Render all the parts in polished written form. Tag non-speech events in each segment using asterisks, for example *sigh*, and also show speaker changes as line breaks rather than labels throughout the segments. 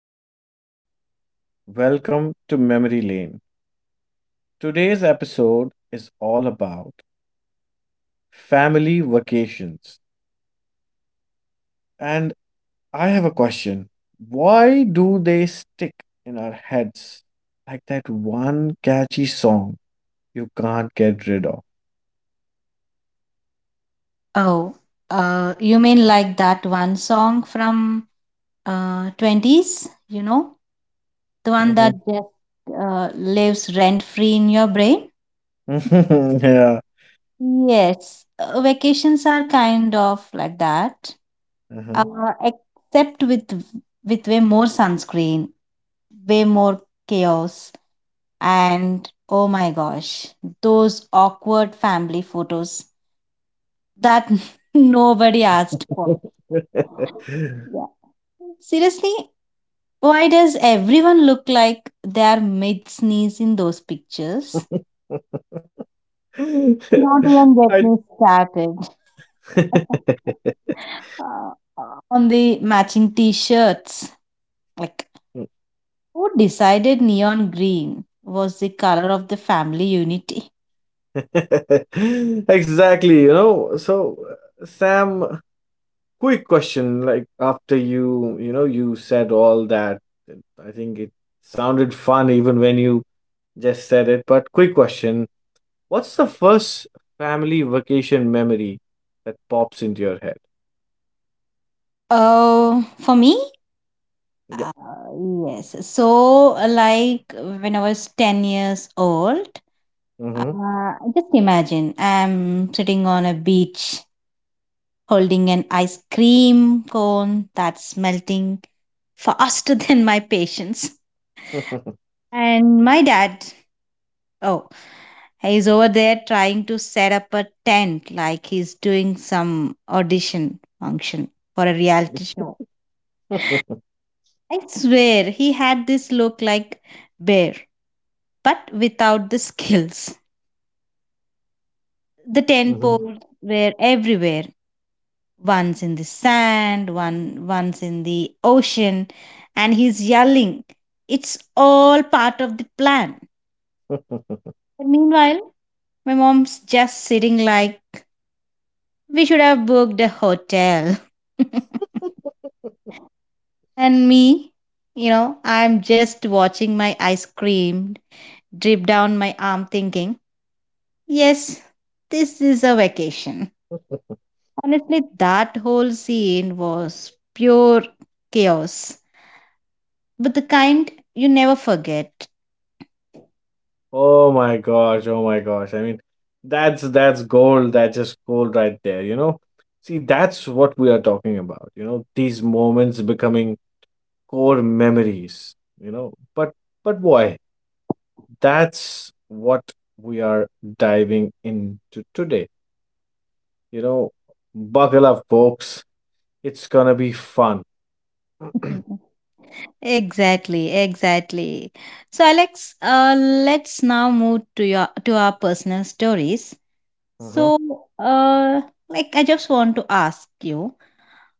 everyone, welcome to Memory Lane. Today's episode is all about family vacations. And I have a question, why do they stick in our heads like that one catchy song you can't get rid of?
Oh, you mean like that one song from 20s? The one that
hmm
just lives rent free in your brain?
*laughs* yeah.
Yes, vacations are kind of like that.
uh-huh.
Except with way more sunscreen, way more chaos, and oh my gosh, those awkward family photos that *laughs* nobody asked for. Yeah. Seriously, why does everyone look like they're mid sneeze in those pictures?
*laughs*
Not even get me
I
started. *laughs* Uh, on the matching t shirts. Like, who decided neon green was the color of the family unity?
*laughs* Exactly. So, Sam, quick question, like after you you said all that, I think it sounded fun even when you just said it, but quick question, what's the first family vacation memory that pops into your head?
Oh, for me?
Yeah.
Uh, yes. So, like when I was 10 years old,
Mm-hmm.
just imagine I'm sitting on a beach holding an ice cream cone that's melting faster *laughs* than my patience. And my dad, oh, he's over there trying to set up a tent like he's doing some audition function for a reality show. I swear he had this look like bear, but without the *laughs* skills. The tent poles
*laughs*
were everywhere. One's in the sand, one's in the ocean, and he's yelling. It's all part of the plan. And meanwhile, my mom's just sitting like we should have booked a hotel. *laughs* And me, I'm just watching my ice cream drip down my arm thinking, yes, this is a vacation. Honestly, that whole scene was pure chaos, but the kind you never forget.
Oh my gosh, oh my gosh. I mean, that's gold, that's just gold right there, you know? See, that's what we are talking about, you know, these moments becoming core memories, you know but but boy, that's what we are diving into today, you know, buckle up folks, it's gonna be fun.
*laughs*
*clears throat*
Mhm. Exactly, exactly. So, Alex, let's now move to our personal stories.
Mhm,
So, uh, like I just want to ask you,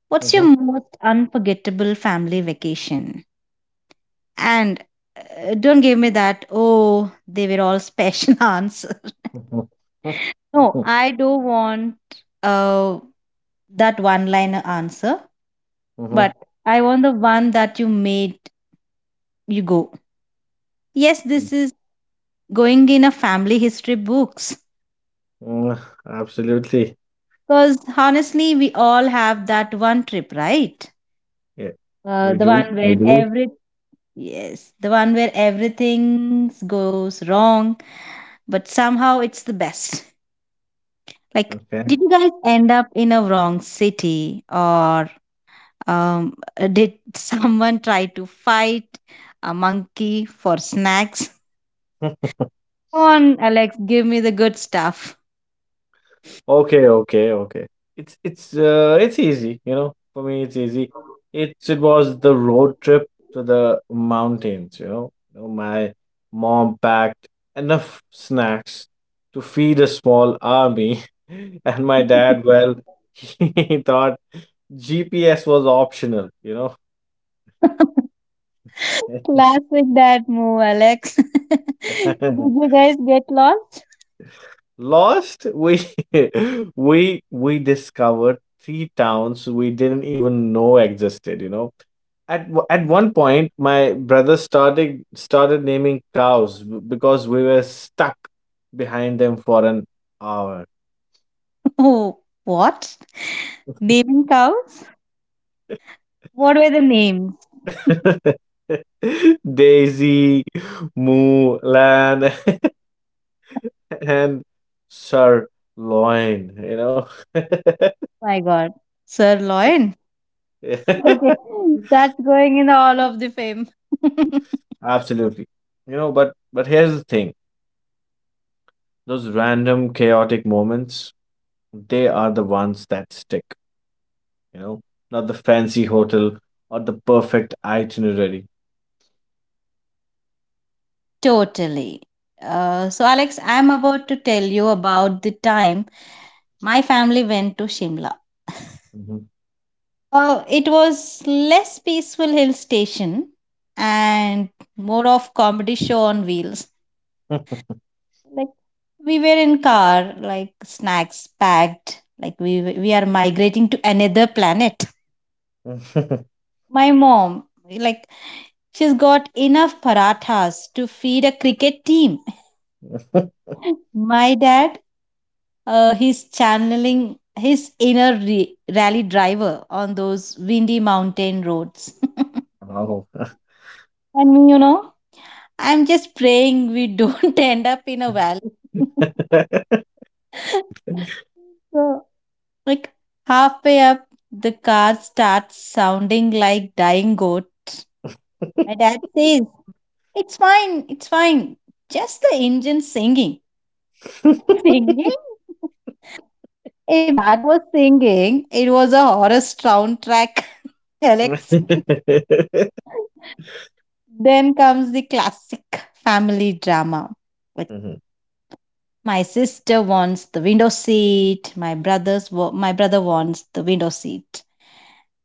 what's your
mhm,
most unforgettable family vacation? And don't give me that. Oh, they were all special *laughs* answer.
mhm,
No,
mhm,
I do want uh that one liner answer,
mhm,
but I want the one that you made you go, yes,
mhm,
this is going in a family history books.
mhm. *laughs* Absolutely.
Because honestly, we all have that one trip, right?
Yeah, we
The
do.
one where
We do.
every Yes, the one where everything goes wrong, but somehow it's the best. Like,
Okay.
did you guys end up in a wrong city, or um, did *laughs* someone try to fight a monkey for snacks?
*laughs*
Come on, Alex, give me the good stuff.
Okay, okay, okay. It's easy, you know. For me, it's easy. It was the road trip to the mountains, you know. You know, my mom packed enough snacks to feed a small army, *laughs* and my dad, well, *laughs* he thought GPS was optional, you know.
*laughs* Classic that move, Alex. *laughs* Did
*laughs*
you guys get lost?
Lost, we *laughs* we discovered three towns we didn't even know existed, you know. At one point, my brother started naming cows because we were stuck behind them for an hour.
*laughs* Oh, what? Naming cows? What were the names? *laughs*
*laughs* Daisy, Moo, Lan, *laughs* and Sirloin, you know.
My god. Sirloin. Okay,
*laughs*
that's going in the Hall of the Fame. *laughs*
Absolutely. You know, but here's the thing. Those random chaotic moments, they are the ones that stick, you know, not the fancy hotel or the perfect itinerary.
Totally. So, Alex, I'm about to tell you about the time my family went to Shimla.
Mhm.
It was less peaceful hill station and more of comedy show on wheels. Like, we were in car, like snacks packed, like we are migrating to another planet.
*laughs*
My mom, like, she's got enough parathas to feed a cricket team. *laughs* My dad, he's channeling his inner rally driver on those windy mountain roads. *laughs*
Wow.
And I'm just praying we don't *laughs* end up in a valley.
*laughs*
*laughs* So, like halfway up, the car starts sounding like dying goat. My dad says, "It's fine, it's fine. Just the engine singing." *laughs* Singing? If that was singing, it was a horror soundtrack, *laughs* Alex.
Mhm.
Then comes the classic family drama. Like,
Mhm.
my sister wants the window seat. My brother wants the window seat.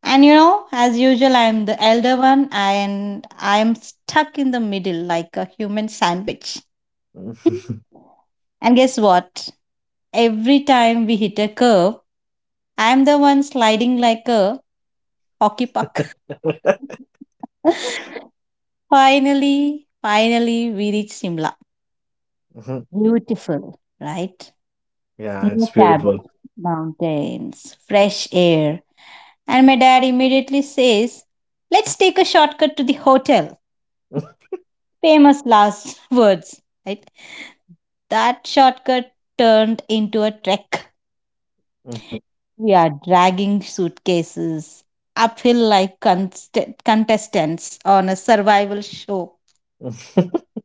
And as usual, I'm the elder one, and I'm stuck in the middle like a human sandwich. *laughs* And guess what? Every time we hit a curve, I'm the one sliding like a hockey puck. *laughs* Finally, we reach Simla.
Mhm. *laughs*
Beautiful, right?
Yeah, it's
Snow-capped
beautiful.
mountains, fresh air. And my dad immediately says, "Let's take a shortcut to the hotel." Famous last *laughs* words, right? That shortcut turned into a trek.
Mhm. Mhm.
We are dragging suitcases uphill like contestants on a survival show. *laughs*
*laughs*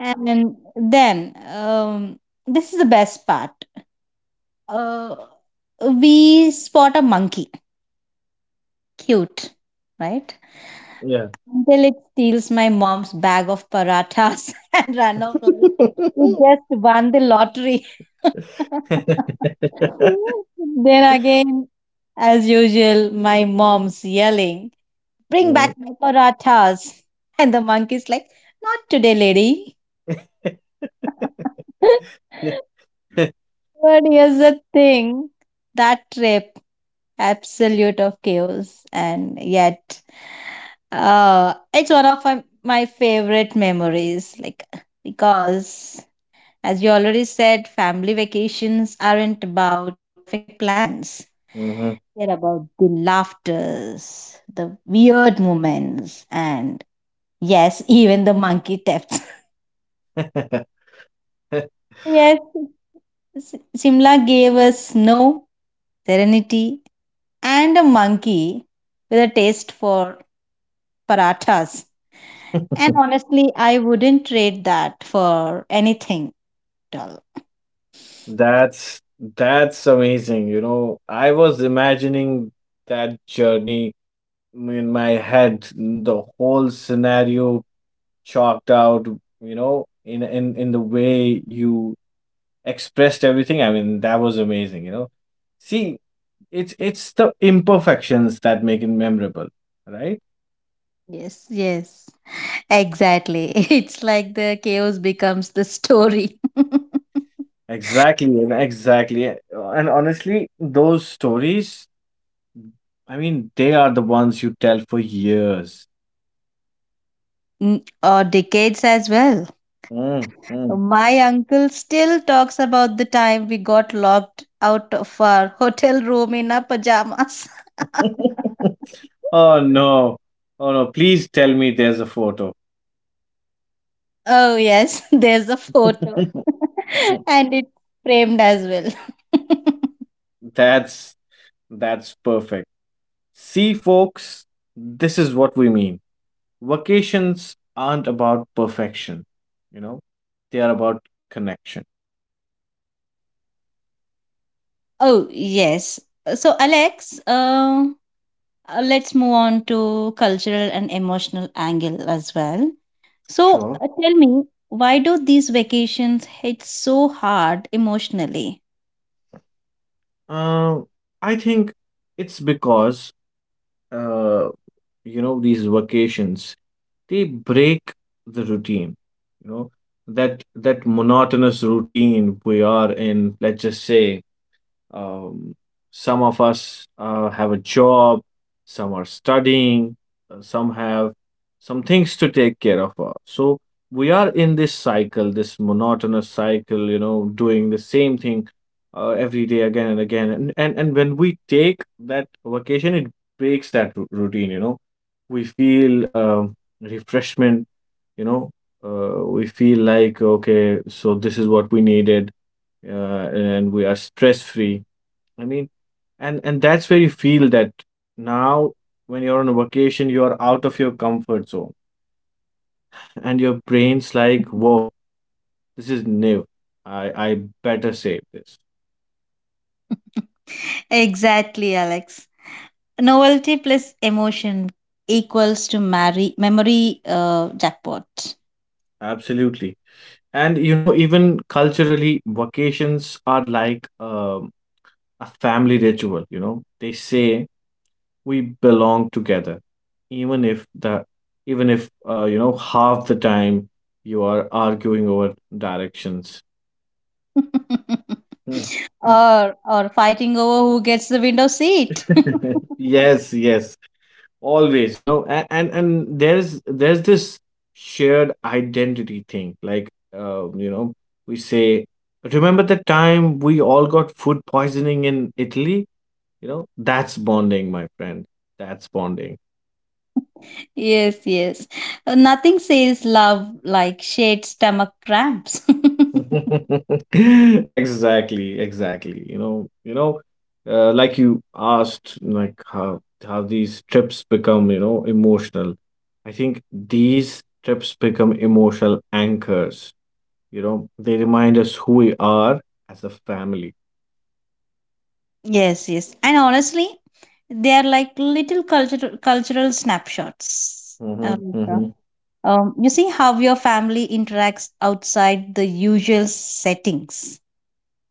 And then, this is the best part. Uh, we spot a monkey. Cute, right?
Yeah.
Until it steals my mom's bag of parathas *laughs* and run off like it
*laughs*
just won the lottery. *laughs* Then again, as usual, my mom's yelling, "Bring
Mhm.
back my parathas." And the monkey's like, "Not today, lady."
*laughs*
*laughs* But here's the thing, that trip absolute of chaos, and yet it's one of my favorite memories, like, because as you already said, family vacations aren't about perfect plans.
Mhm.
They're about the laughters, the weird moments, and yes, *laughs* even the monkey thefts.
*laughs*
*laughs* Yes. Simla gave us snow, serenity, and a monkey with a taste for parathas. And honestly, I wouldn't trade that for anything at all.
That's amazing. You know, I was imagining that journey in my head, the whole scenario chalked out, you know, in the way you expressed everything. I mean, that was amazing, you know. See, it's the imperfections that make it memorable, right?
Yes, yes, exactly. *laughs* It's like the chaos becomes the story. *laughs*
Exactly. And honestly, those stories, I mean, they are the ones you tell for years.
Mm, or decades as well.
Mm, mm.
My uncle still talks about the time we got locked out of our *laughs* hotel room in our pajamas. *laughs*
*laughs* Oh no. Oh no, please tell me there's a photo.
Oh, yes, *laughs* there's a photo.
*laughs*
*laughs* And it's framed as well. *laughs*
that's that's perfect. See folks, this is what we mean. Vacations aren't about perfection, you know. They are about connection.
Oh, yes. So, Alex, let's move on to cultural and emotional angle as well. So,
Sure.
tell me, why do these vacations hit so hard emotionally?
Um I think it's because uh you know, these vacations, they break the routine, you know, that monotonous routine we are in. Let's just say, um, some of us have a job, some are studying, some have some things to take care of. So we are in this cycle, this monotonous cycle, you know, doing the same thing every day again and again. And when we take that vacation, it breaks that routine, you know. We feel refreshment, you know. We feel like, okay, so this is what we needed, and we are stress free, I mean, and that's where you feel that now when you're on a vacation, you are out of your comfort zone, *laughs* and your brain's like, "Whoa, this is new. I better save this."
*laughs* Exactly, Alex. Novelty plus emotion equals to memory jackpot.
Absolutely. And you know, even culturally, vacations are like a family ritual. You know, they say we belong together, even if you know, half the time you are arguing over directions.
*laughs*
*laughs*
Or fighting over who gets the window seat. *laughs*
*laughs* Yes, yes, always, you know, and there's this shared identity thing. Like, you know, we say, remember the time we all got food poisoning in Italy? You know, that's bonding, my friend. That's bonding.
Yes, yes. Nothing says love like shared stomach cramps. *laughs*
*laughs* Exactly, like you asked, like how these trips become, you know, emotional. I think these trips become emotional anchors, you know, they remind us who we are as a family.
Yes, yes. And honestly, they are like little cultural snapshots. Like,
Hmm
you see how your family interacts outside the usual settings.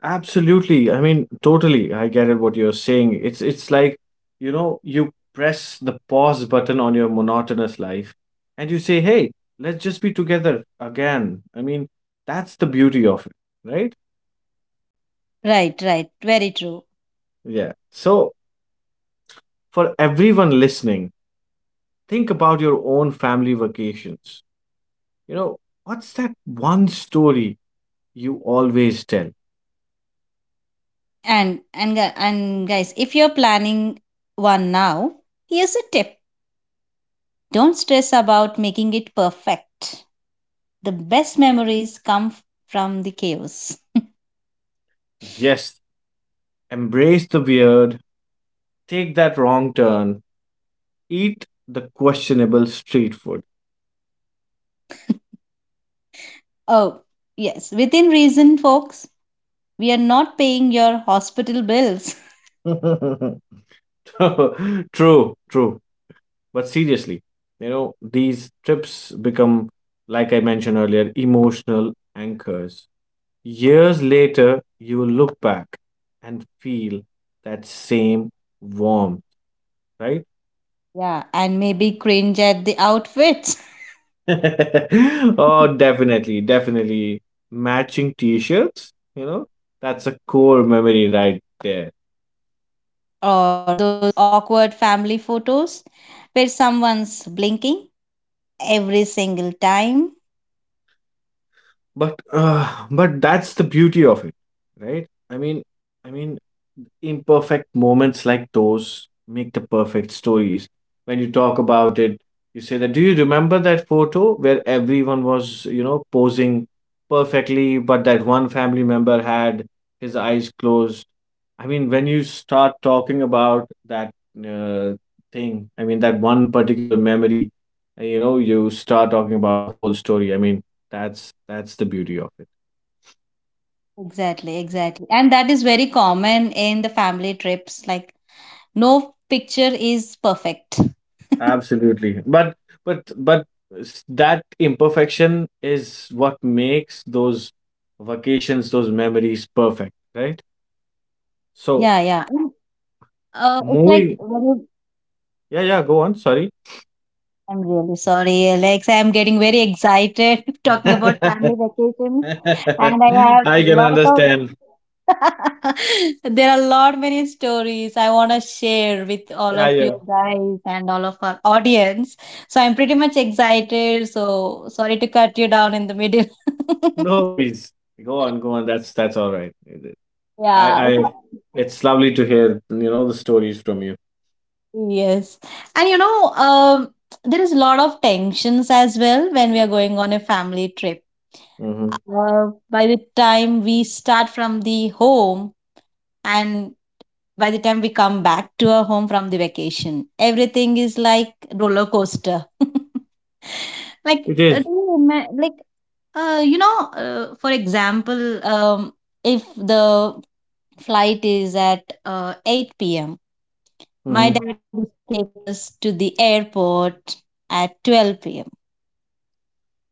Absolutely. I mean, totally. I get it what you're saying. It's like, you know, you press the pause button on your monotonous life and you say, "Hey, let's just be together again." I mean, that's the beauty of it, right?
Right, right. Very true.
Yeah. So, for everyone listening, think about your own family vacations. You know, what's that one story you always tell?
And guys, if you're planning one now, here's a tip. Don't stress about making it perfect. The best memories come from the chaos.
Yes, embrace the weird, take that wrong turn, eat the questionable street food.
Oh, yes, within reason, folks. We are not paying your hospital bills. *laughs*
*laughs* True, true. But seriously, you know, these trips become, like I mentioned earlier, emotional anchors. Years later, you will look back and feel that same warmth, right?
Yeah, and maybe cringe at the outfits
*laughs* Oh,
*laughs*
definitely, definitely. Matching t shirts, you know, that's a core memory right there.
or those awkward family photos where someone's blinking every single time.
But that's the beauty of it, right? I mean, imperfect moments like those make the perfect stories. When you talk about it, you say that, do you remember that photo where everyone was, you know, posing perfectly, but that one family member had his eyes closed? I mean, when you start talking about that uh, thing, I mean, that one particular memory, you know, you start talking about the whole story. I mean, that's the beauty of it.
Exactly, exactly. And that is very common in the family trips. Like, no picture is perfect. *laughs*
Absolutely. But that imperfection is what makes those vacations, those memories perfect, right?
Yeah,
So
yeah. And it's like
moving
very
yeah, yeah, go on, sorry.
I'm really sorry, Alex. I'm getting very excited *laughs*
*laughs*
talking about family
I
vacations, and I have
can
lot of
understand.
*laughs* there are a lot many stories I want to share with all
Yeah,
of
yeah.
you guys and all of our audience. So I'm pretty much excited. So sorry to cut you down in the middle. *laughs*
No worries. Go on, go on. That's all right. I
Yeah.
I it's lovely to hear, you know, the stories from you.
Yes. And there is a lot of tensions as well when we are going on a family trip.
Mm-hmm.
By the time we start from the home and by the time we come back to our home from the vacation, everything is like roller coaster. *laughs* Like,
It is.
like, for example, if the flight is at 8 p.m., my
Mm-hmm.
dad used to take us to the airport at 12 p.m.,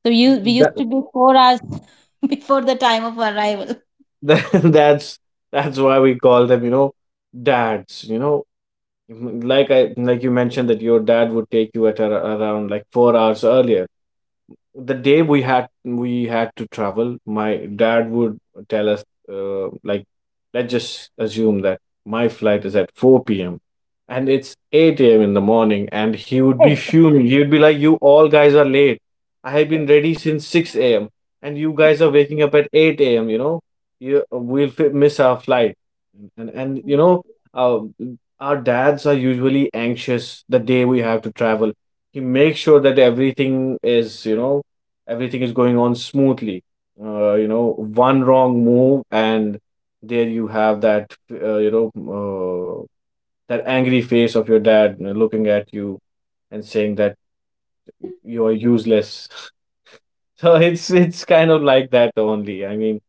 so you we
That
used to be 4 hours *laughs* before the time of arrival.
*laughs* that's that's why we call them, you know, dads, you know, like I, like you mentioned that your dad would take you at around like 4 hours earlier. The day we had, to travel, my dad would tell us, like, let's just assume that my flight is at 4 p.m. and it's 8 a.m. in the morning, and he would be
Exactly.
fuming. He would be like, you all guys are late, I have been ready since 6 a.m. and you guys are waking up at 8 a.m., you know, we'll miss our flight. And you know, uh, our dads are usually anxious the day we have to travel. He makes sure that everything is, you know, everything is going on smoothly. You know, one wrong move, and there you have that, uh, that angry face of your dad looking at you and saying that you are useless. *laughs* So it's kind of like that only. I mean,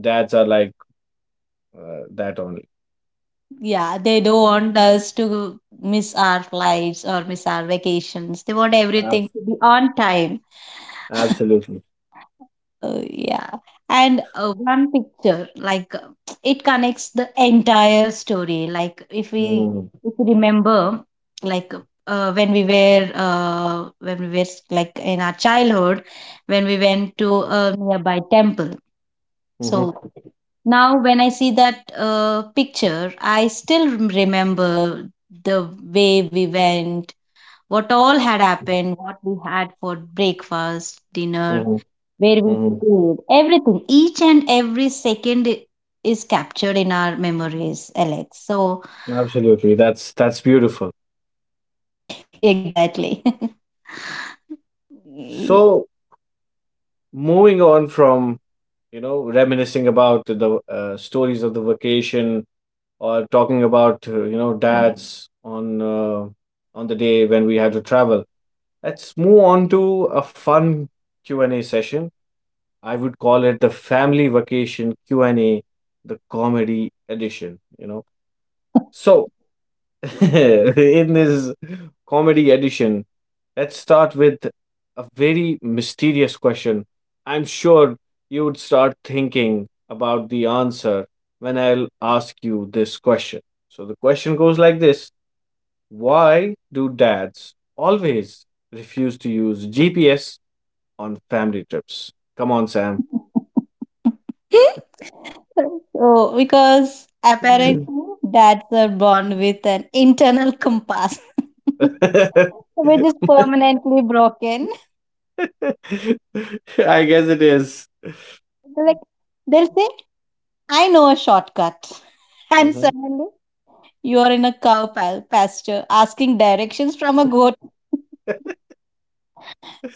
dads are like that only.
Yeah, they don't want us to miss our flights or miss our vacations. They want
Ab-
everything to be on time.
Absolutely.
Yeah. And one picture, like, *tsk* it connects the entire story. Like, if we
Mm.
if we remember, like, when we were, like in our childhood, when we went to a nearby temple. So,
hmm
now, when I see that picture, I still remember the way we went, what all had happened, what we had for breakfast, dinner,
hmm
where we
hmm
stayed, everything. Each and every second is captured in our memories, Alex. So,
Absolutely. That's beautiful.
*laughs* exactly. *laughs* Y-
So moving on from, you know, reminiscing about the stories of the vacation, or talking about, you know, dads on the day when we had to travel. Let's move on to a fun Q&A session. I would call it the family vacation Q&A, the comedy edition, you know. So, *laughs* in this comedy edition, let's start with a very mysterious question. I'm sure you would start thinking about the answer when I'll ask you this question. So the question goes like this, why do dads always refuse to use GPS on family trips? Come on, Sam.
So, because apparently
*laughs*
dads are born with an internal compass, *laughs* which is permanently broken.
I guess it is.
Like, they'll say, "I know a shortcut," *laughs* and
Mhm.
suddenly you are in a cow pasture asking directions from a goat. *laughs*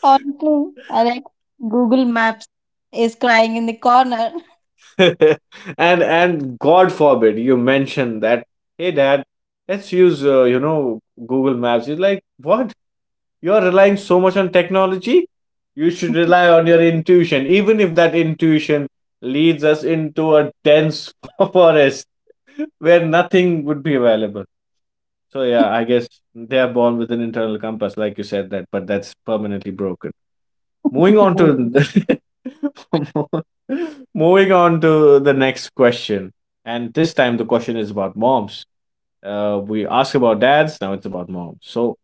Honestly, Alex, Google Maps is crying in the corner.
*laughs* And God forbid you mention that. Hey, Dad, let's use, you know, Google Maps. You like, what? You're relying so much on technology. You should rely
*laughs*
on your intuition, even if that intuition leads us into a dense *laughs* forest where nothing would be available. So yeah, I guess they are born with an internal compass, like you said that, but that's permanently broken. Moving
Very
on to
true.
*laughs* moving on to the next question, and this time the question is about moms. We ask about dads, now it's about moms. So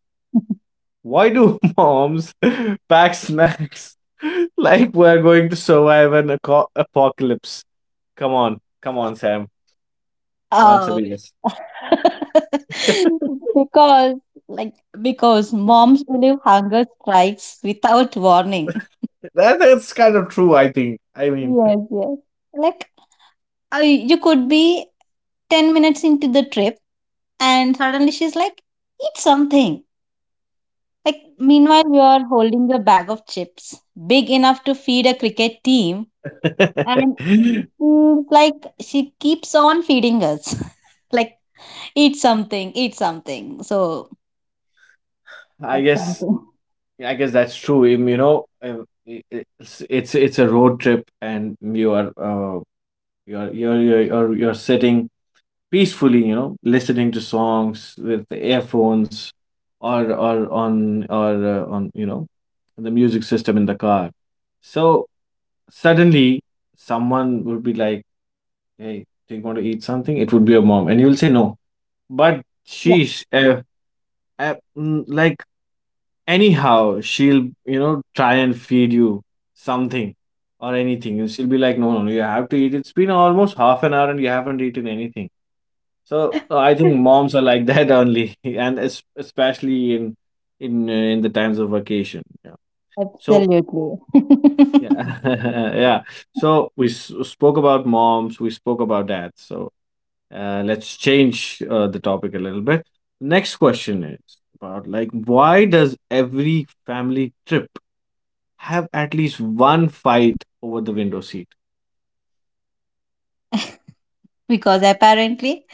why do *laughs* moms *laughs* pack snacks *laughs* like we're going to survive an apocalypse? Come on, come on, Sam, answer
Uh,
me. Yes,
*laughs* because like because moms believe hunger strikes without warning.
that's kind of true, I think, I mean.
Yes, yes. Like, you could be 10 minutes into the trip and suddenly she's like, "Eat something." Like, meanwhile you are holding a bag of chips big enough to feed a cricket team, and
*laughs*
she's like she keeps on feeding us. *laughs* Like, eat something, eat something. So,
I
that's
guess.
something.
Yeah, I guess that's true. You know, it's it's a road trip, and you are you're sitting peacefully, you know, listening to songs with the earphones, or on you know, the music system in the car. So suddenly, someone would be like, "Hey, do you want to eat something?" It would be your mom, and you'll say no, but
Yes,
she's like, anyhow she'll try and feed you something or anything, and she'll be like, "No, no, no, you have to eat. It's been almost half an hour and you haven't eaten anything." So I think moms are like that only *laughs* and especially in the times of vacation, yeah. So,
absolutely. *laughs*
yeah, *laughs* yeah. So we spoke about moms, we spoke about dads. So let's change the topic a little bit. Next question is about, like, why does every family trip have at least one fight over the window seat.
Because apparently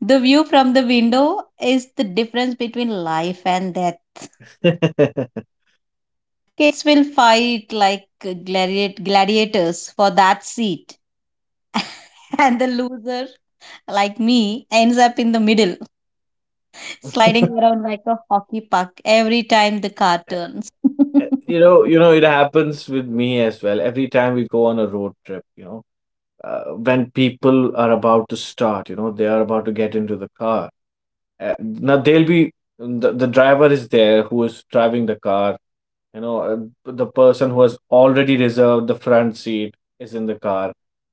the view from the window is the difference between life and death.
*laughs* you
Kids will fight like gladiators for that seat. *laughs* And the loser, like me, ends up in the middle, sliding around like a hockey puck every time the car turns. *laughs*
it happens with me as well. Every time we go on a road trip, when people are about to start, they are about to get into the car. Now they'll be the driver is there who is driving the car. The person who has already reserved the front seat is in the car.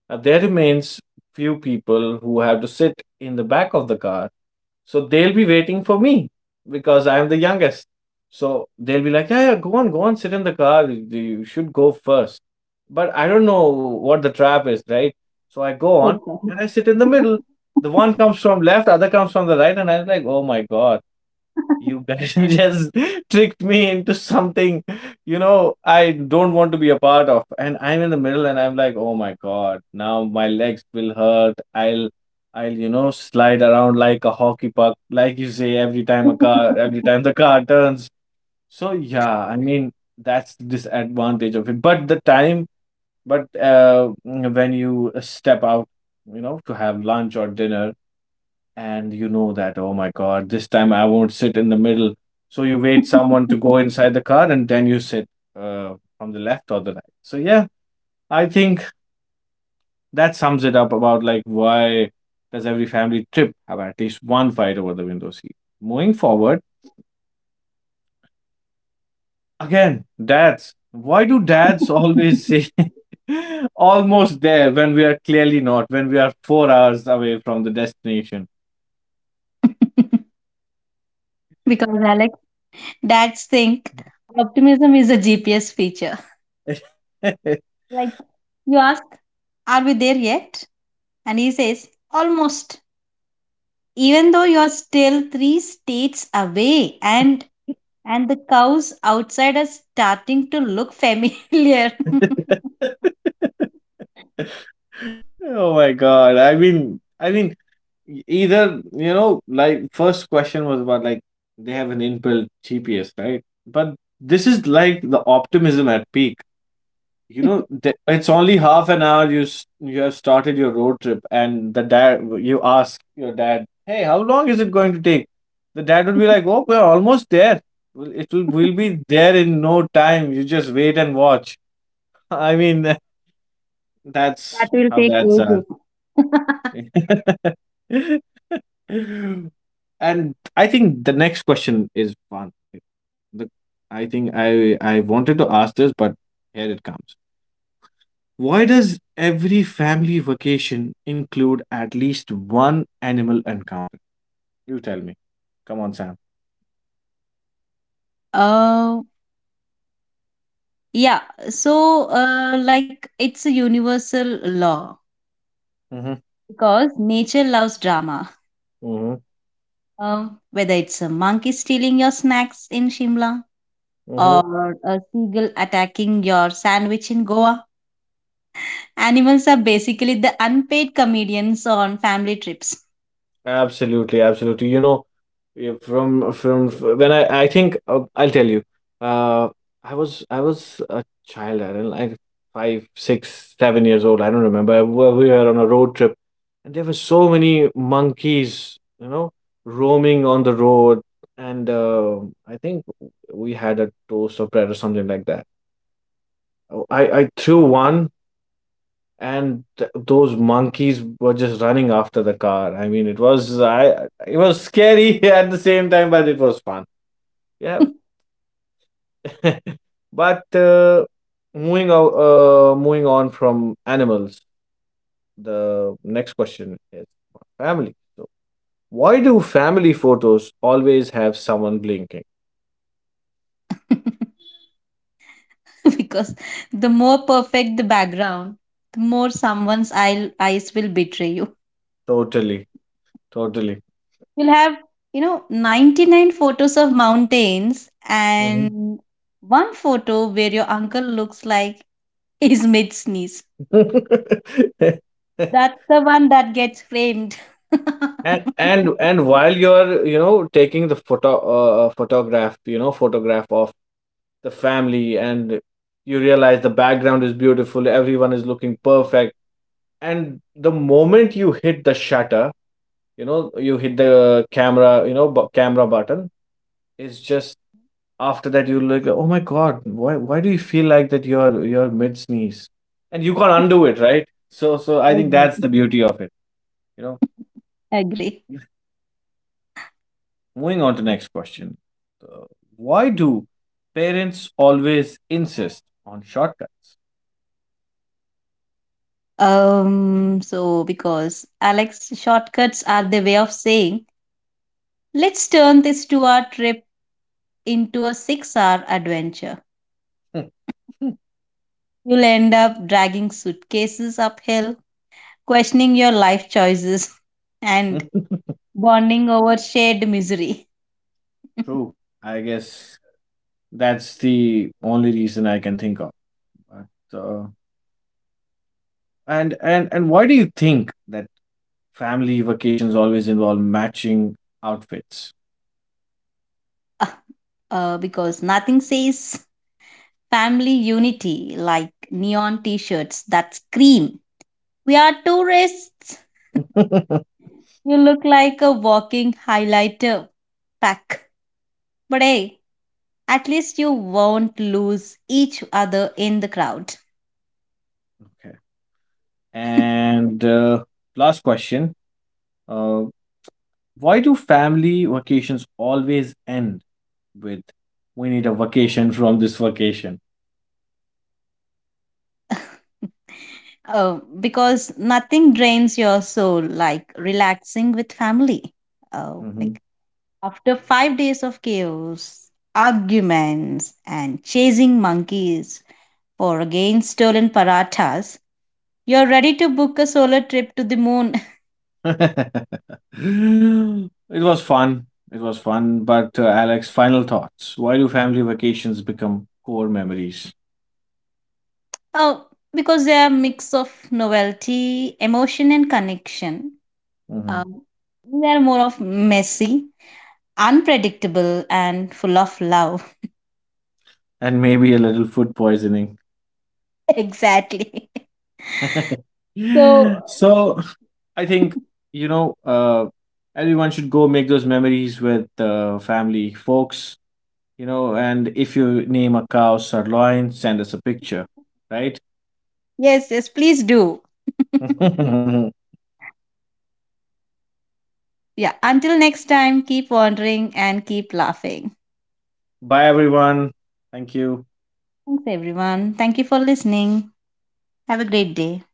There remains few people who have to sit in the back of the car. So they'll be waiting for me because I'm the youngest. So they'll be like, "Yeah, yeah, go on, go on, sit in the car. You should go first." But I don't know what the trap is, right? So I go on
Exactly.
and I sit in the middle. The one comes from left, other comes from the right, and I'm like, "Oh my God. You guys *laughs* just tricked me into something, I don't want to be a part of." And I'm in the middle and I'm like, "Oh my God, now my legs will hurt. I'll, slide around like a hockey puck, like you say, every
*laughs*
time the car turns." So, yeah, I mean, that's the disadvantage of it. But when you step out, to have lunch or dinner, and you know that, oh my God, this time I won't sit in the middle. So you wait someone to go inside the car and then you sit from the left or the right. So, yeah, I think that sums it up about, like, why does every family trip have at least one fight over the window seat. Moving forward, again, dads, why do dads always say
*laughs*
*laughs* almost there when we are clearly not, when we are 4 hours away from the destination?
Because Alex, that's think optimism is a GPS feature. Like, you ask, are we there yet? And he says, almost. Even though you're still three states away, and
*laughs*
and the cows outside are starting to look familiar. *laughs*
Oh my God. I mean, either, you know, like first question was about, like, they have an inbuilt GPS, right? But this is like the optimism at peak. It's only half an hour, you have started your road trip, and the dad you ask your dad, "Hey, how long is it going to take?" The dad would be like, "Oh, we're almost there. Well, It will we'll be there in no time. You just wait and watch." *laughs* I mean, *laughs*
That
that's
will
how
take
dads
ages.
are.
*laughs*
*laughs* And I think the next question is one. The, I think I wanted to ask this, but here it comes. Why does every family vacation include at least one animal encounter? You tell me. Come on, Sam.
Oh, yeah. So, like, it's a universal law
Mm-hmm.
because nature loves drama.
Mm-hmm.
Whether it's a monkey stealing your snacks in Shimla or a seagull attacking your sandwich in Goa, animals are basically the unpaid comedians on family trips.
Absolutely, absolutely. Yeah, from when I think, I'll tell you. Uh, I was a child. I don't, like, 5, 6, 7 years old. I don't remember. We were on a road trip, and there were so many monkeys, roaming on the road, and I think we had a toast of bread or something like that. Oh, I threw one, and those monkeys were just running after the car. I mean, it was scary *laughs* at the same time, but it was fun. Yeah, *laughs* but moving on from animals. The next question is about family. So, why do family photos always have someone blinking?
*laughs* Because the more perfect the background, the more someone's eyes will betray you.
Totally, totally.
You'll have 99 photos of mountains
Mhm.
and one photo where your uncle looks like *laughs* he's mid sneeze.
*laughs*
That's the one that gets framed. *laughs*
And while you're taking the photograph you know photograph of the family, and you realize the background is beautiful, everyone is looking perfect, and the moment you hit the shutter, you hit the camera, camera button. It's just after that you look, oh my God, why do you feel like that you're mid sneeze, and you can't undo it, right? So I think that's
Exactly.
the beauty of it you know
Agree.
Moving on to next question. Uh, why do parents always insist on shortcuts?
So, because, Alex, shortcuts are the way of saying, let's turn this 2-hour trip into a 6-hour adventure. You'll end up dragging suitcases uphill, questioning your life choices, *laughs* and
*laughs*
bonding over shared misery. *laughs*
True. I guess that's the only reason I can think of. But, And why do you think that family vacations always involve matching outfits?
Because nothing says family unity like neon t shirts that scream, "We are tourists."
*laughs* Okay.
You look like a walking highlighter pack. But hey, at least you won't lose each other in the crowd.
And last question. Uh, why do family vacations always end with, "We need a vacation from this vacation"?
*laughs* Because nothing drains your soul like relaxing with family.
Mhm.
Like, after 5 days of chaos, arguments, and chasing monkeys for again stolen parathas, you're ready to book a solo trip to the moon. *laughs*
*laughs* It was fun. It was fun. But Alex, final thoughts. Why do family vacations become core memories?
Oh, because they are a mix of novelty, emotion, and connection.
Mhm.
Um, they are more of messy, unpredictable, and full of love.
And maybe a little food poisoning.
*laughs* Exactly. *laughs*
*laughs*
So,
so I think, you know, uh, everyone should go make those memories with family, folks, and if you name a cow Sirloin, send us a picture, right?
yes, yes, please do.
*laughs*
*laughs* Yeah, until next time, keep wandering and keep laughing.
Bye, everyone. Thank you.
Thanks, everyone. Thank you for listening. Have a great day.